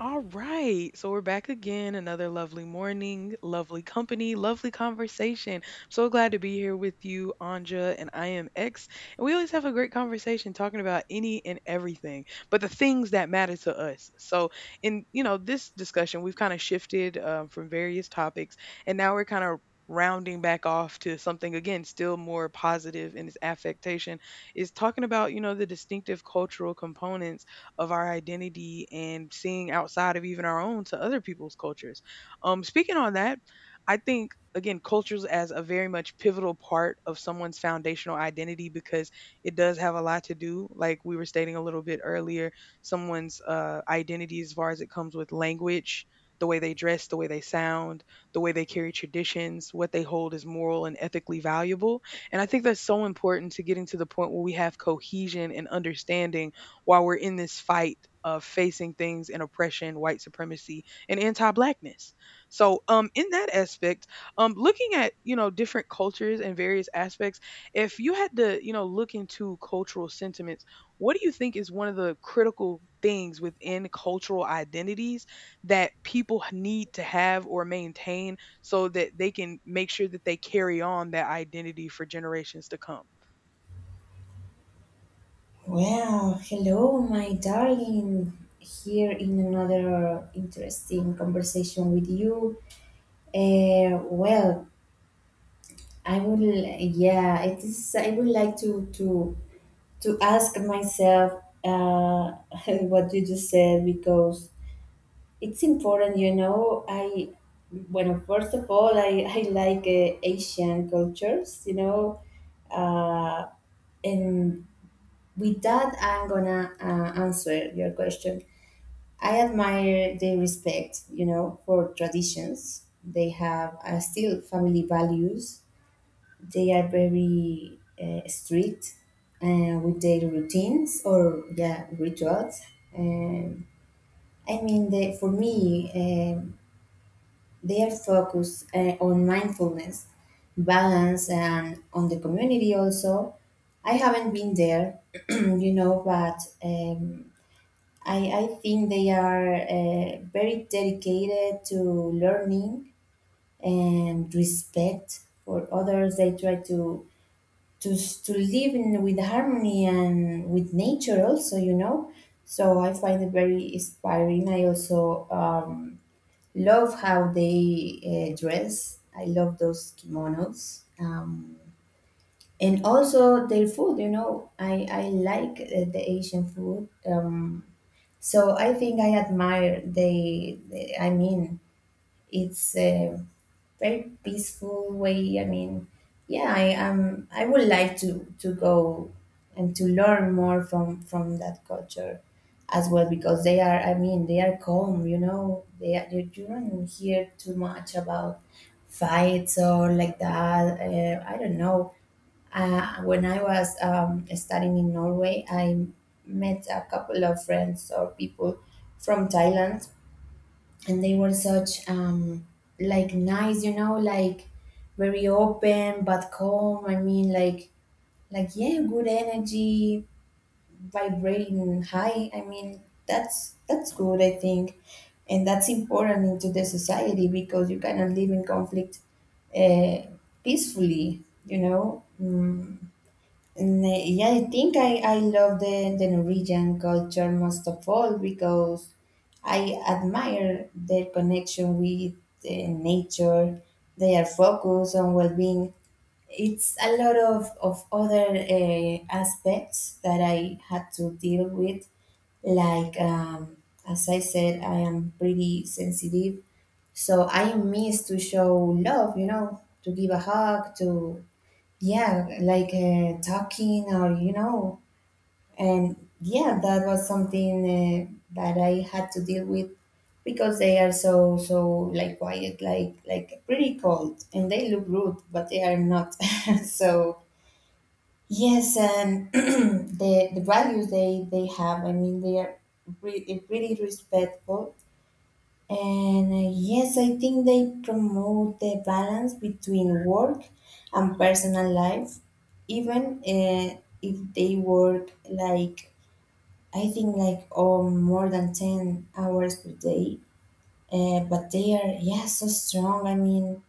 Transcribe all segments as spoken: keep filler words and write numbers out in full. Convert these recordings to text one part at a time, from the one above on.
All right. So we're back again. Another lovely morning, lovely company, lovely conversation. So glad to be here with you, Anja, and I am X. And we always have a great conversation talking about any and everything, but the things that matter to us. So in, you know, this discussion, we've kind of shifted um, from various topics, and now we're kind of rounding back off to something again still more positive in its affectation, is talking about, you know, the distinctive cultural components of our identity and seeing outside of even our own to other people's cultures. Um, speaking on that, I think again cultures as a very much pivotal part of someone's foundational identity, because it does have a lot to do, like we were stating a little bit earlier, someone's uh, identity, as far as it comes with language, the way they dress, the way they sound, the way they carry traditions, what they hold as moral and ethically valuable. And I think that's so important to getting to the point where we have cohesion and understanding while we're in this fight of facing things in oppression, white supremacy, and anti-blackness. So, um, in that aspect, um, looking at, you know, different cultures and various aspects, if you had to, you know, look into cultural sentiments, what do you think is one of the critical things within cultural identities that people need to have or maintain so that they can make sure that they carry on that identity for generations to come? Well, hello, my darling, here in another interesting conversation with you. Uh, well, I would, yeah, it is, I would like to, to, to ask myself uh, what you just said because it's important, you know. I, well, first of all, I, I like uh, Asian cultures, you know, uh, and with that, I'm gonna uh, answer your question. I admire their respect, you know, for traditions. They have uh, still family values. They are very uh, strict uh, with their routines or yeah rituals. Um, I mean, they, for me, um they are focused uh, on mindfulness, balance, and on the community also. I haven't been there, you know, but. Um, I, I think they are uh, very dedicated to learning and respect for others. They try to to to live in, with harmony and with nature also, you know. So I find it very inspiring. I also um, love how they uh, dress. I love those kimonos. Um, and also their food, you know, I, I like uh, the Asian food. Um, so I think I admire the, the I mean, it's a very peaceful way. I mean, yeah, I am. I would like to to go and to learn more from from that culture as well because they are. I mean, they are calm. You know, they are, you you don't hear too much about fights or like that. Uh, I don't know uh, when I was um, studying in Norway, I met a couple of friends or people from Thailand, and they were such um, like nice, you know, like very open but calm. I mean, like like yeah, good energy, vibrating high. I mean, that's that's good, I think, and that's important into the society because you cannot live in conflict uh, peacefully, you know. Mm, Mm, Yeah, I think I, I love the, the Norwegian culture most of all because I admire their connection with uh, nature, their focus on well being. It's a lot of, of other uh, aspects that I had to deal with. Like, um, as I said, I am pretty sensitive. So I miss to show love, you know, to give a hug, to yeah like uh, talking or you know and yeah that was something uh, that I had to deal with because they are so so like quiet like like pretty cold and they look rude but they are not so yes and the the values they they have. I mean they are really really respectful and uh, yes, I think they promote the balance between work and personal life, even uh, if they work like I think like oh more than ten hours per day. Uh, but they are yeah so strong. I mean,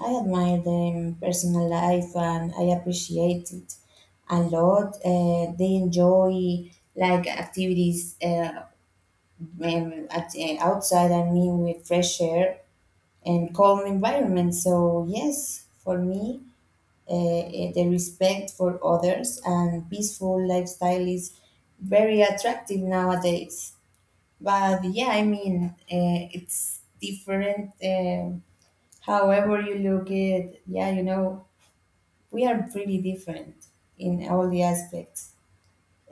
I admire them personal life and I appreciate it a lot. Uh, they enjoy like activities uh, um, at, uh, outside. I mean, with fresh air and calm environment. So yes, for me, uh, eh, the respect for others and peaceful lifestyle is very attractive nowadays. But yeah, I mean, uh, it's different. Um however you look at, yeah, you know, we are pretty different in all the aspects.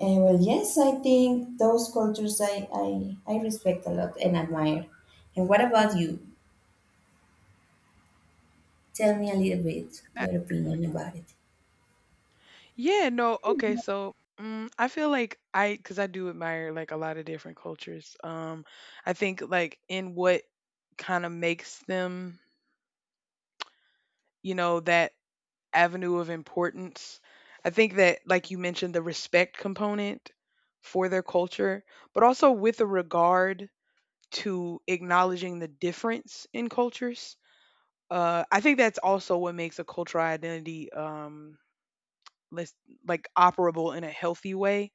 Uh, well, yes, I think those cultures I, I, I respect a lot and admire. And what about you? Tell me a little bit Uh, your opinion about it. Yeah, no, okay, so mm, I feel like I, because I do admire like a lot of different cultures. Um, I think like in what kind of makes them, you know, that avenue of importance. I think that, like you mentioned, the respect component for their culture, but also with a regard to acknowledging the difference in cultures. Uh, I think that's also what makes a cultural identity um, less, like, operable in a healthy way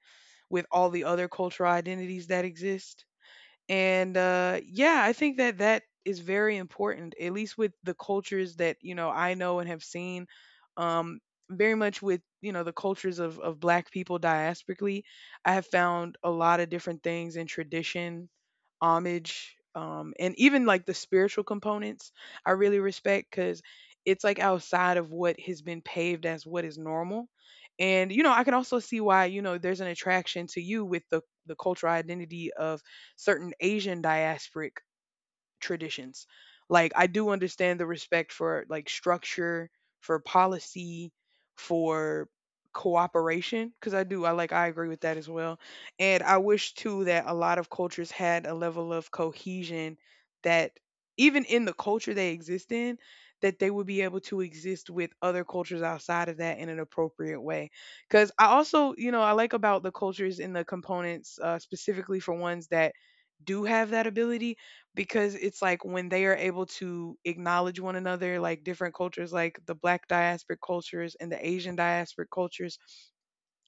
with all the other cultural identities that exist. And uh, yeah, I think that that is very important, at least with the cultures that, you know, I know and have seen. um, Very much with, you know, the cultures of, of black people diasporically, I have found a lot of different things in tradition, homage, um and even like the spiritual components I really respect, because it's like outside of what has been paved as what is normal. And you know, I can also see why, you know, there's an attraction to you with the the cultural identity of certain Asian diasporic traditions. Like I do understand the respect for, like, structure, for policy, for cooperation, because I do, I like, I agree with that as well. And I wish too that a lot of cultures had a level of cohesion that, even in the culture they exist in, that they would be able to exist with other cultures outside of that in an appropriate way, because I also, you know, I like about the cultures and the components, uh, specifically for ones that do have that ability. Because it's like when they are able to acknowledge one another, like different cultures, like the black diasporic cultures and the Asian diasporic cultures,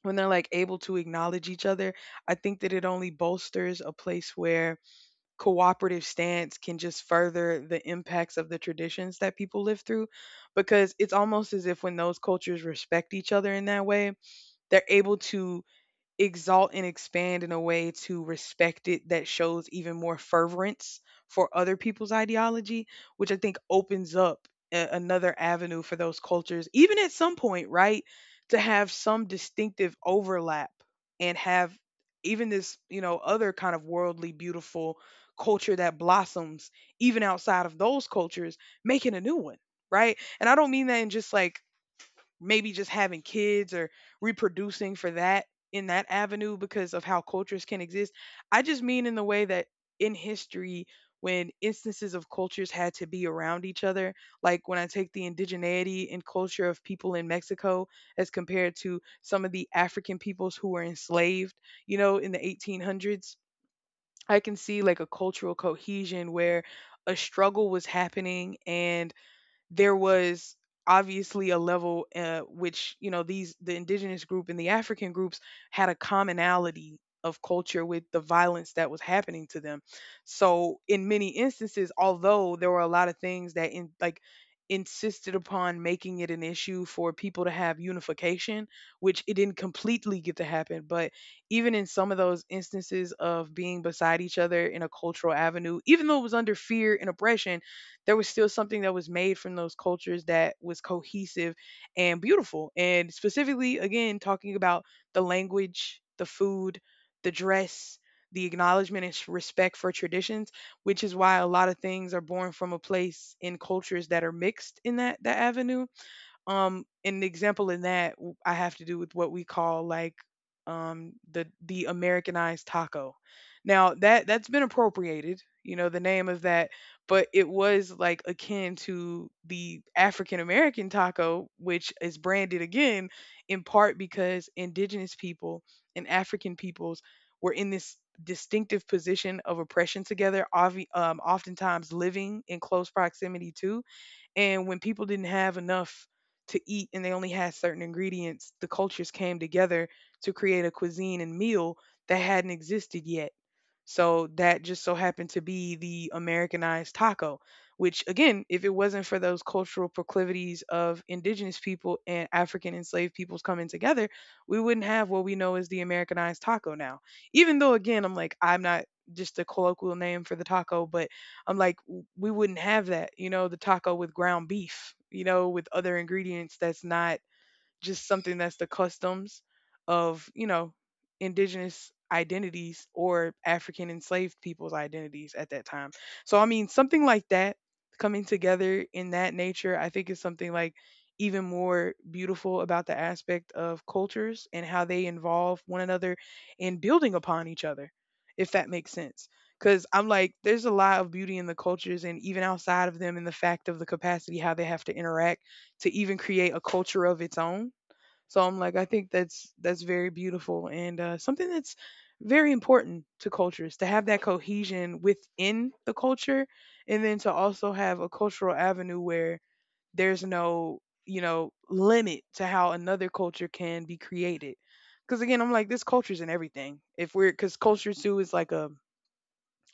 when they're like able to acknowledge each other, I think that it only bolsters a place where cooperative stance can just further the impacts of the traditions that people live through. Because it's almost as if when those cultures respect each other in that way, they're able to exalt and expand in a way to respect it that shows even more fervorance for other people's ideology, which I think opens up a- another avenue for those cultures, even at some point, right? To have some distinctive overlap and have even this, you know, other kind of worldly, beautiful culture that blossoms even outside of those cultures, making a new one, right? And I don't mean that in just like maybe just having kids or reproducing for that in that avenue, because of how cultures can exist. I just mean in the way that in history, when instances of cultures had to be around each other, like when I take the indigeneity and culture of people in Mexico as compared to some of the African peoples who were enslaved, you know, in the eighteen hundreds, I can see like a cultural cohesion where a struggle was happening, and there was obviously a level, uh, which, you know, these the indigenous group and the African groups had a commonality of culture with the violence that was happening to them. So in many instances, although there were a lot of things that, in like, insisted upon making it an issue for people to have unification, which it didn't completely get to happen, but even in some of those instances of being beside each other in a cultural avenue, even though it was under fear and oppression, there was still something that was made from those cultures that was cohesive and beautiful. And specifically, again, talking about the language, the food, the dress, the acknowledgement and s- respect for traditions, which is why a lot of things are born from a place in cultures that are mixed in that that avenue. Um, an example in that w- I have to do with what we call like, um the the Americanized taco. Now that that's been appropriated, you know, the name of that, but it was like akin to the African American taco, which is branded again in part because indigenous people and African peoples were in this distinctive position of oppression together, obvi- um, oftentimes living in close proximity to. And when people didn't have enough to eat and they only had certain ingredients, the cultures came together to create a cuisine and meal that hadn't existed yet. So that just so happened to be the Americanized taco, which again, if it wasn't for those cultural proclivities of indigenous people and African enslaved peoples coming together, we wouldn't have what we know as the Americanized taco now. Even though again, I'm like, I'm not just a colloquial name for the taco, but I'm like, w- we wouldn't have that, you know, the taco with ground beef, you know, with other ingredients that's not just something that's the customs of, you know, indigenous identities or African enslaved people's identities at that time. So, I mean, something like that coming together in that nature, I think is something like even more beautiful about the aspect of cultures and how they involve one another in building upon each other, if that makes sense. Because I'm like, there's a lot of beauty in the cultures and even outside of them in the fact of the capacity how they have to interact to even create a culture of its own. So I'm like, I think that's that's very beautiful, and uh, something that's very important to cultures to have that cohesion within the culture, and then to also have a cultural avenue where there's no, you know, limit to how another culture can be created. Because again, I'm like, this culture's in everything. If we're, because culture too is like a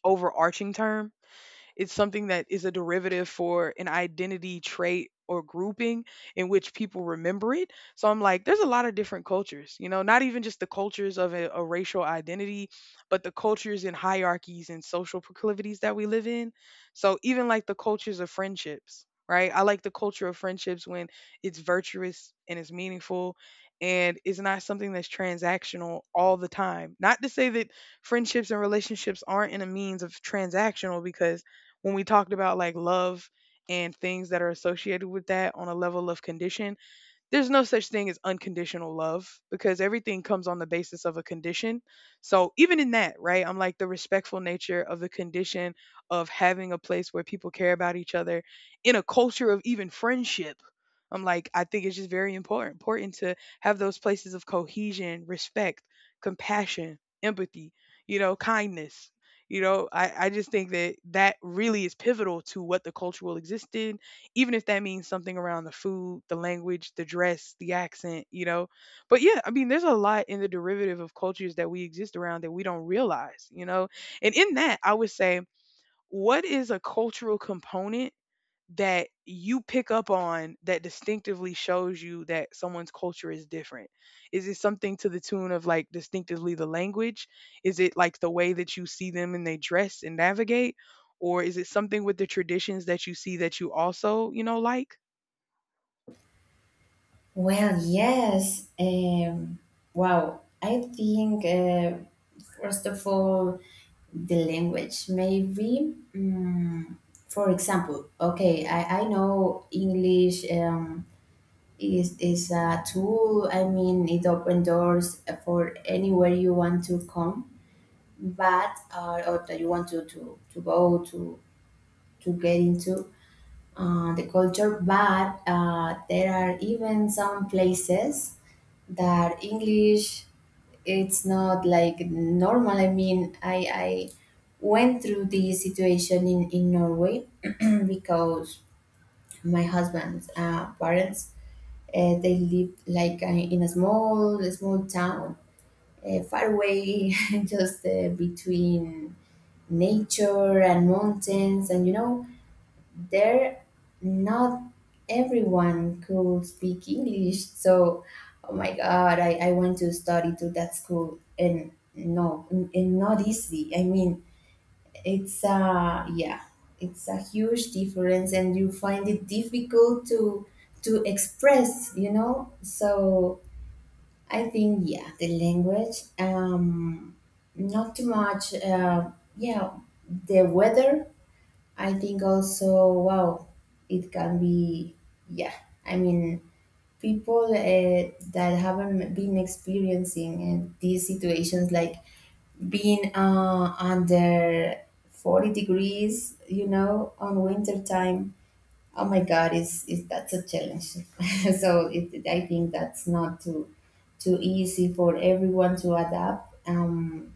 overarching term, it's something that is a derivative for an identity trait or grouping in which people remember it. So I'm like, there's a lot of different cultures, you know, not even just the cultures of a, a racial identity, but the cultures and hierarchies and social proclivities that we live in. So even like the cultures of friendships, right? I like the culture of friendships when it's virtuous and it's meaningful, and it's not something that's transactional all the time. Not to say that friendships and relationships aren't in a means of transactional, because when we talked about like love and things that are associated with that on a level of condition, there's no such thing as unconditional love because everything comes on the basis of a condition. So even in that, right, I'm like, the respectful nature of the condition of having a place where people care about each other in a culture of even friendship. I'm like, I think it's just very important, important to have those places of cohesion, respect, compassion, empathy, you know, kindness. You know, I, I just think that that really is pivotal to what the culture will exist in, even if that means something around the food, the language, the dress, the accent, you know. But yeah, I mean, there's a lot in the derivative of cultures that we exist around that we don't realize, you know. And in that, I would say, what is a cultural component that you pick up on that distinctively shows you that someone's culture is different? Is it something to the tune of like distinctively the language? Is it like the way that you see them and they dress and navigate? Or is it something with the traditions that you see that you also, you know, like? Well, yes. Um, wow. I think, uh, first of all, the language, maybe. Mm, for example, okay, I, I know English. Um, is, is a tool, I mean, it opens doors for anywhere you want to come, but, uh, or that you want to, to, to go to, to get into uh, the culture, but uh, there are even some places that English it's not like normal. I mean, I I went through this situation in in Norway because my husband's uh, parents uh, they lived like uh, in a small a small town uh, far away, just uh, between nature and mountains, and you know there not everyone could speak English. So oh my god, i, I want to study to that school and no and and not easy. I mean, it's uh yeah, it's a huge difference and you find it difficult to to express you know. So I think yeah the language um not too much uh yeah the weather I think also, wow, it can be, yeah. I mean, people uh, that haven't been experiencing uh, these situations, like being uh, under forty degrees, you know, on winter time. Oh my god, is is that's a challenge. So it, I think that's not too too easy for everyone to adapt. Um,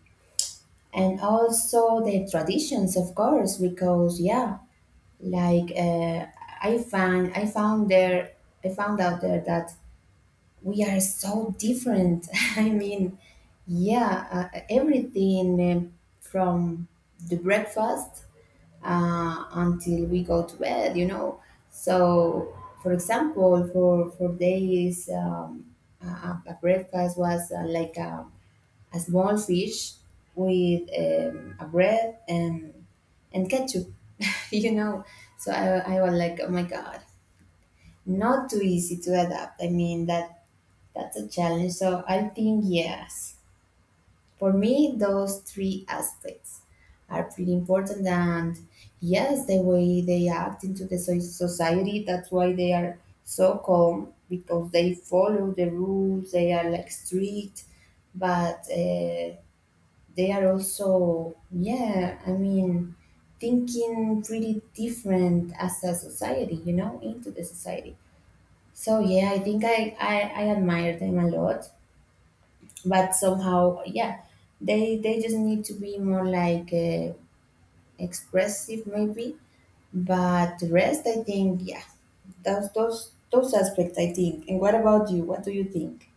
And also the traditions, of course, because yeah, like uh, i found i found there i found out there that we are so different. I mean, yeah, uh, everything um, from the breakfast uh, until we go to bed you know. So for example for for days um, a, a a breakfast was uh, like a, a small fish with um, a bread and and ketchup you know. So i, I was like oh my god, not too easy to adapt. I mean that that's a challenge. So I think yes, for me those three aspects are pretty important and yes the way they act into the so- society. That's why they are so calm because they follow the rules, they are like strict, but uh, they are also yeah I mean thinking pretty different as a society you know into the society. So yeah I think i i, I admire them a lot but somehow yeah they they just need to be more like uh, expressive maybe but the rest I think yeah those those those aspects I think. And what about you, what do you think?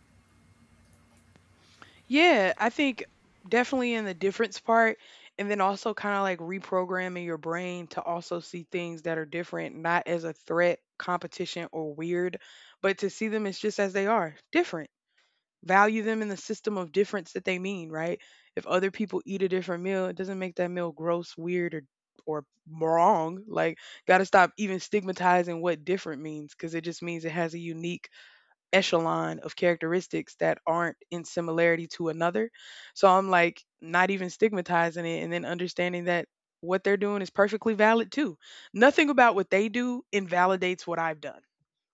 Yeah, I think definitely in the difference part. And then also kind of like reprogramming your brain to also see things that are different, not as a threat, competition, or weird, but to see them as just as they are different. Value them in the system of difference that they mean, right? If other people eat a different meal, it doesn't make that meal gross, weird, or or wrong. Like, gotta stop even stigmatizing what different means because it just means it has a unique echelon of characteristics that aren't in similarity to another. So I'm like, not even stigmatizing it and then understanding that what they're doing is perfectly valid too. Nothing about what they do invalidates what I've done,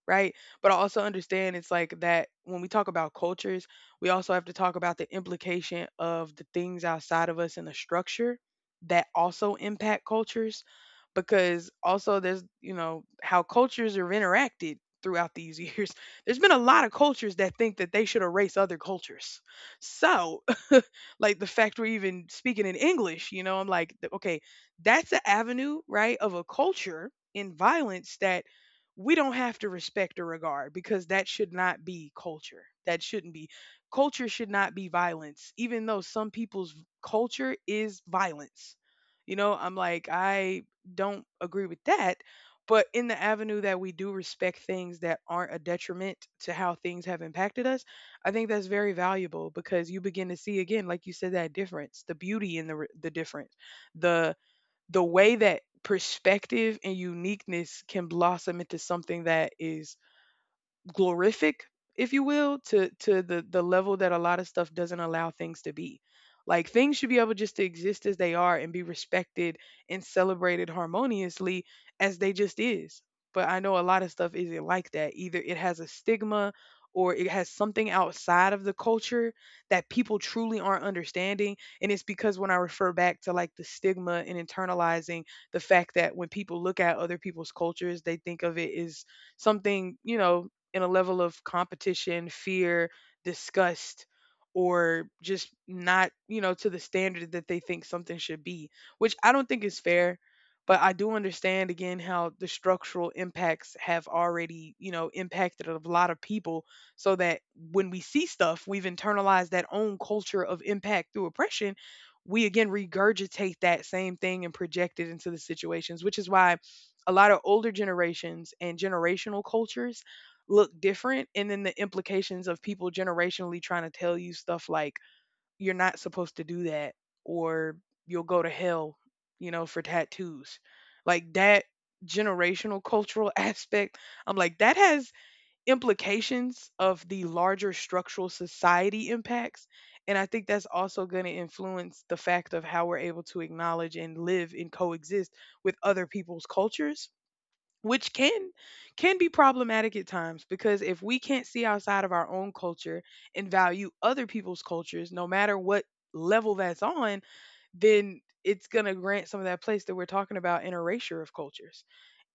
right? But I also understand it's like that when we talk about cultures, we also have to talk about the implication of the things outside of us in the structure that also impact cultures because also there's, you know, how cultures are interacted throughout these years. There's been a lot of cultures that think that they should erase other cultures. So, like the fact we're even speaking in English, you know, I'm like, th- okay, that's an avenue, right, of a culture in violence that we don't have to respect or regard because that should not be culture. That shouldn't be. Culture should not be violence, even though some people's culture is violence. You know, I'm like, I don't agree with that. But in the avenue that we do respect things that aren't a detriment to how things have impacted us, I think that's very valuable because you begin to see again, like you said, that difference, the beauty in the r- the difference, the the way that perspective and uniqueness can blossom into something that is glorific, if you will, to to the the level that a lot of stuff doesn't allow things to be. Like things should be able just to exist as they are and be respected and celebrated harmoniously as they just is. But I know a lot of stuff isn't like that either. It has a stigma or it has something outside of the culture that people truly aren't understanding. And it's because when I refer back to like the stigma and internalizing the fact that when people look at other people's cultures they think of it as something, you know, in a level of competition, fear, disgust, or just not, you know, to the standard that they think something should be, which I don't think is fair. But I do understand again how the structural impacts have already, you know, impacted a lot of people so that when we see stuff, we've internalized that own culture of impact through oppression. We again regurgitate that same thing and project it into the situations, which is why a lot of older generations and generational cultures look different, and then the implications of people generationally trying to tell you stuff like you're not supposed to do that, or you'll go to hell, you know, for tattoos, like that generational cultural aspect. I'm like, that has implications of the larger structural society impacts. And I think that's also going to influence the fact of how we're able to acknowledge and live and coexist with other people's cultures, which can can be problematic at times. Because if we can't see outside of our own culture and value other people's cultures no matter what level that's on, then it's going to grant some of that place that we're talking about in erasure of cultures.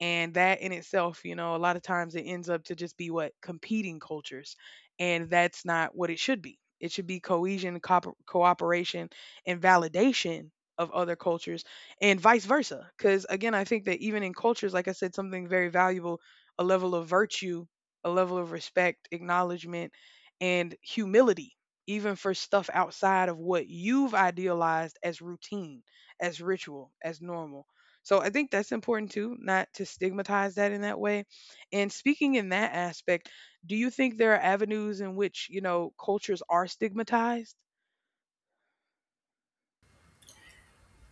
And that in itself, you know, a lot of times it ends up to just be what, competing cultures. And that's not what it should be. It should be cohesion, cooper cooperation and validation of other cultures and vice versa. Because again, I think that even in cultures, like I said, something very valuable, a level of virtue, a level of respect, acknowledgement, and humility, even for stuff outside of what you've idealized as routine, as ritual, as normal. So I think that's important too, not to stigmatize that in that way. And speaking in that aspect, do you think there are avenues in which, you know, cultures are stigmatized?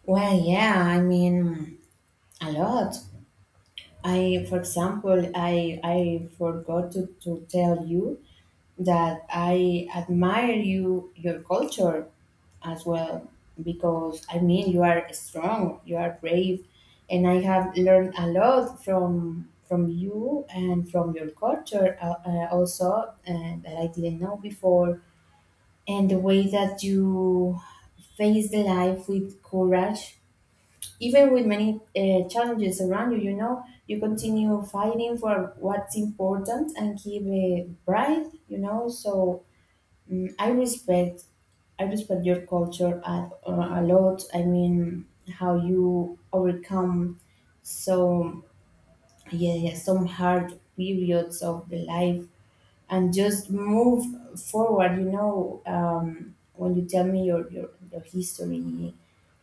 Well yeah, I mean, a lot. I, for example, I I forgot to, to tell you that I admire you your culture as well because I mean you are strong, you are brave, and I have learned a lot from from you and from your culture uh, uh, also uh, that I didn't know before, and the way that you face the life with courage even with many uh, challenges around you, you know, you continue fighting for what's important and keep it bright, you know. So mm I respect, I respect your culture a, a lot. I mean, how you overcome so yeah, yeah some hard periods of the life and just move forward. You know, um, when you tell me your, your your history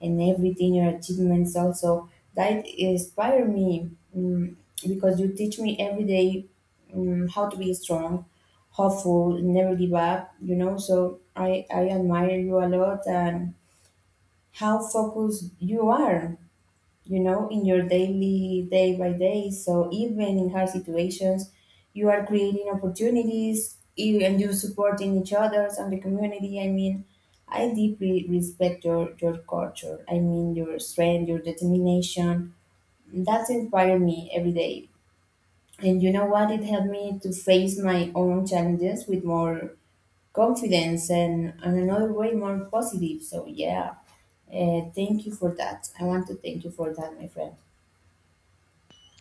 and everything, your achievements also that inspire me mm, because you teach me every day mm how to be strong, hopeful, never give up. You know, so I I admire you a lot and how focused you are, you know, in your daily day by day. So even in hard situations, you are creating opportunities you- and you supporting each others and the community. I mean, I deeply respect your, your culture. I mean, your strength, your determination. That inspired me every day. And you know what? It helped me to face my own challenges with more confidence and, and another way more positive. So, yeah, uh, thank you for that. I want to thank you for that, my friend.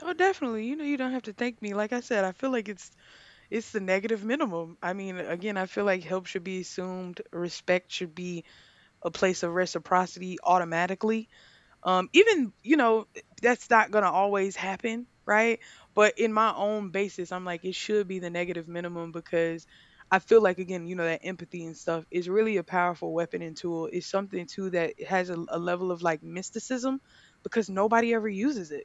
Oh, definitely. You know, you don't have to thank me. Like I said, I feel like it's it's the negative minimum. I mean, again, I feel like help should be assumed, respect should be a place of reciprocity automatically. Um, even, you know, that's not going to always happen, right? But in my own basis, I'm like, it should be the negative minimum because I feel like, again, you know, that empathy and stuff is really a powerful weapon and tool. It's something, too, that has a, a level of like mysticism because nobody ever uses it.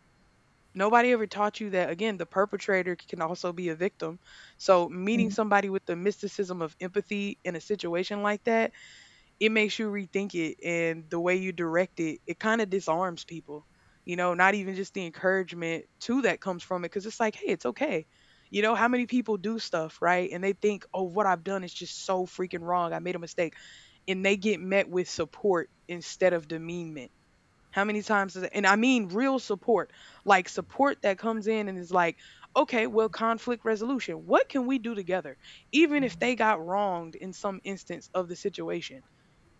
Nobody ever taught you that, again, the perpetrator can also be a victim. So meeting somebody with the mysticism of empathy in a situation like that, it makes you rethink it, and the way you direct it, it kind of disarms people. You know, not even just the encouragement too that comes from it, because it's like, hey, it's okay. You know, how many people do stuff, right, and they think, oh, what I've done is just so freaking wrong, I made a mistake, and they get met with support instead of demeanment. How many times is it, and I mean real support, like support that comes in and is like, okay, well, conflict resolution, what can we do together, even if they got wronged in some instance of the situation,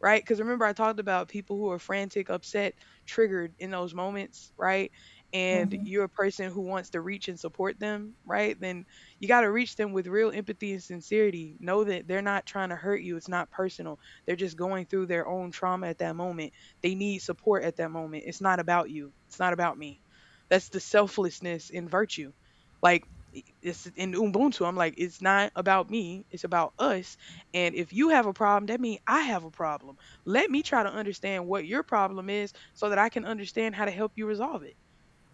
right? Because remember, I talked about people who are frantic, upset, triggered in those moments, right? And Mhm. you're a person who wants to reach and support them, right? Then you got to reach them with real empathy and sincerity. Know that they're not trying to hurt you, it's not personal. They're just going through their own trauma at that moment. They need support at that moment. It's not about you, it's not about me. That's the selflessness in virtue. Like, i- it's in Ubuntu. I'm like, it's not about me. It's about us. And if you have a problem, that means I have a problem. Let me try to understand what your problem is so that I can understand how to help you resolve it.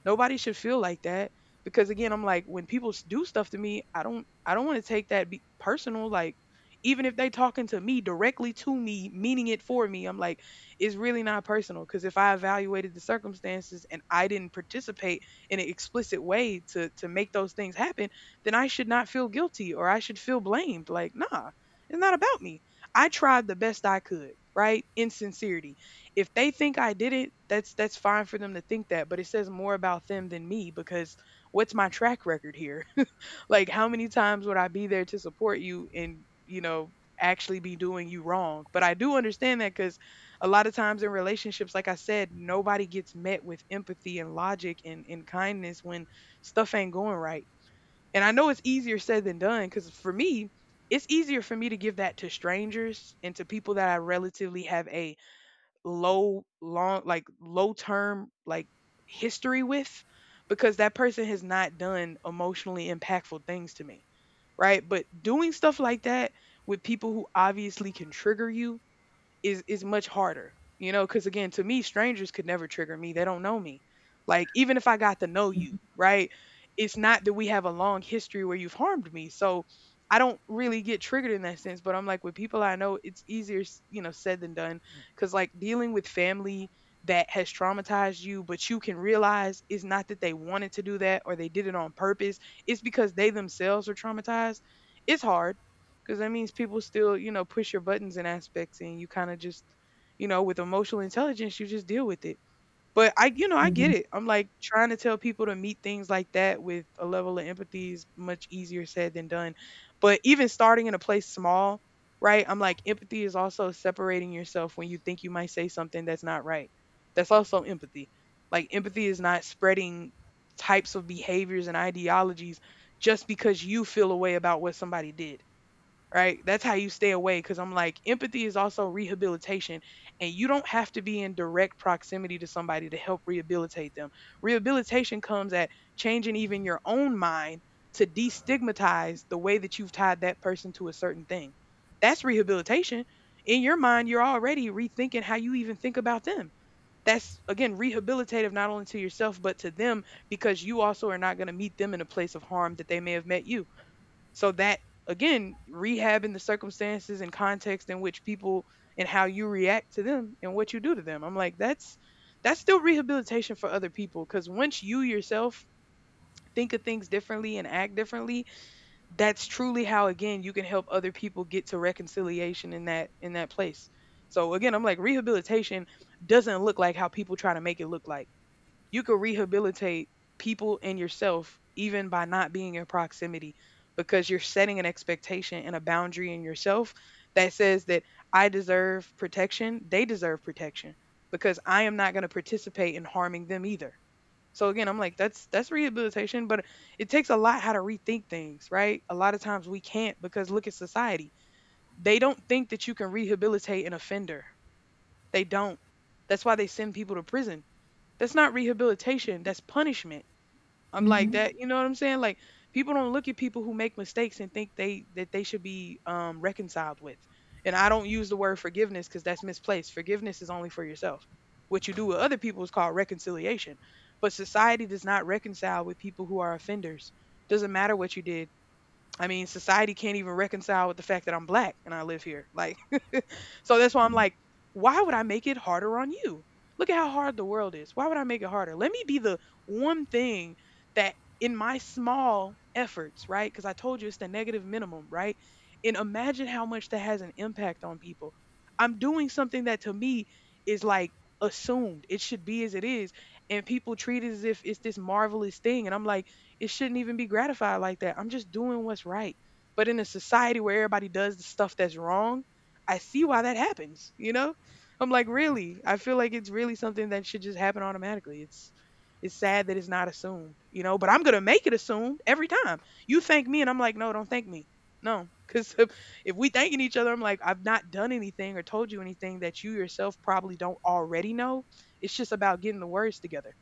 Nobody should feel like that because again, I'm like, when people s- do stuff to me, I don't, I don't want to take that be- personal. Like, even if they talking to me directly, to me meaning it for me, I'm like, it's really not personal, because if I evaluated the circumstances and I didn't participate in an explicit way to to make those things happen, then I should not feel guilty, or I should feel blamed. Like, nah, it's not about me. I tried the best I could, right, in sincerity. If they think I did it, that's that's fine for them to think that, but it says more about them than me. Because what's my track record here? Like, how many times would I be there to support you and, you know, actually be doing you wrong? But I do understand that, cuz a lot of times in relationships, like I said, nobody gets met with empathy and logic and and kindness when stuff ain't going right. And I know it's easier said than done, cuz for me, it's easier for me to give that to strangers and to people that I relatively have a low long, like, low term, like, history with, because that person has not done emotionally impactful things to me, right? But doing stuff like that with people who obviously can trigger you is is much harder, you know. Because again, to me, strangers could never trigger me, they don't know me. Like, even if I got to know you, right, it's not that we have a long history where you've harmed me. So I don't really get triggered in that sense. But I'm like, with people I know, it's easier s- you know, said than done. Because like dealing with family that has traumatized you, but you can realize it's not that they wanted to do that or they did it on purpose, it's because they themselves are traumatized, it's hard. Because that means people still, you know, push your buttons in aspects, and you kind of just, you know, with emotional intelligence, you just deal with it. But I, you know, I get Mhm. it. I'm like, trying to tell people to meet things like that with a level of empathy is much easier said than done. But even starting in a place small, right? I'm like, empathy is also separating yourself when you think you might say something that's not right. That's also empathy. Like, empathy is not spreading types of behaviors and ideologies just because you feel a way about what somebody did, right? That's how you stay away. Cause I'm like, empathy is also rehabilitation, and you don't have to be in direct proximity to somebody to help rehabilitate them. Rehabilitation comes at changing even your own mind to destigmatize the way that you've tied that person to a certain thing. That's rehabilitation. In your mind, you're already rethinking how you even think about them. That's again rehabilitative not only to yourself but to them because you also are not going to meet them in a place of harm that they may have met you, so that again, rehabbing the circumstances and context in which people and how you react to them and what you do to them. I'm like, that's that's still rehabilitation for other people because once you yourself think of things differently and act differently, that's truly how again you can help other people get to reconciliation in that in that place. So again, I'm like rehabilitation doesn't look like how people try to make it look like you could rehabilitate people and yourself even by not being in proximity because you're setting an expectation and a boundary in yourself that says that I deserve protection, they deserve protection because I am not going to participate in harming them either. So again, I'm like that's that's rehabilitation, but it takes a lot how to rethink things, right? A lot of times we can't because look at society. They don't think that you can rehabilitate an offender. They don't. That's why they send people to prison. That's not rehabilitation, that's punishment. I'm like Mhm. that, you know what I'm saying? Like people don't look at people who make mistakes and think they that they should be um reconciled with. And I don't use the word forgiveness cuz that's misplaced. Forgiveness is only for yourself. What you do with other people is called reconciliation. But society does not reconcile with people who are offenders. Doesn't matter what you did. I mean, society can't even reconcile with the fact that I'm black and I live here. Like, so that's why I'm like, why would I make it harder on you? Look at how hard the world is. Why would I make it harder? Let me be the one thing that in my small efforts, right? Because I told you it's the negative minimum, right? And imagine how much that has an impact on people. I'm doing something that to me is like assumed. It should be as it is. And people treat it as if it's this marvelous thing. And I'm like, it shouldn't even be gratified like that. I'm just doing what's right. But in a society where everybody does the stuff that's wrong, I see why that happens, you know? I'm like, really? I feel like it's really something that should just happen automatically. It's it's sad that it's not assumed, you know, but I'm going to make it assumed every time. You thank me and I'm like, "No, don't thank me." No, cuz if if we thanking each other, I'm like, I've not done anything or told you anything that you yourself probably don't already know. It's just about getting the words together.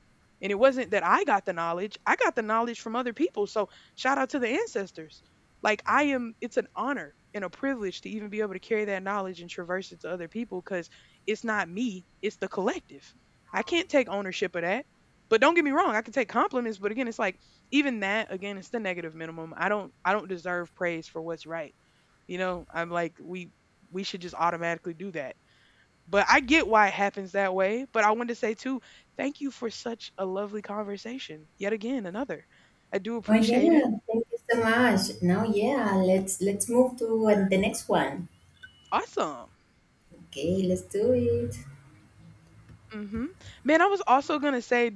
And it wasn't that I got the knowledge, I got the knowledge from other people. So shout out to the ancestors. Like I am, it's an honor and a privilege to even be able to carry that knowledge and traverse it to other people because it's not me, it's the collective. I can't take ownership of that. But don't get me wrong, I can take compliments, but again, it's like even that, again, it's the negative minimum. I don't I don't deserve praise for what's right. You know, I'm like we we should just automatically do that. But I get why it happens that way. But I wanted to say too, thank you for such a lovely conversation. Yet again, another. I do Oh appreciate it. yeah, thank you so much. Now yeah, let's let's move to uh, the next one. Awesome. Okay, let's do it. Hmm. Man, I was also gonna say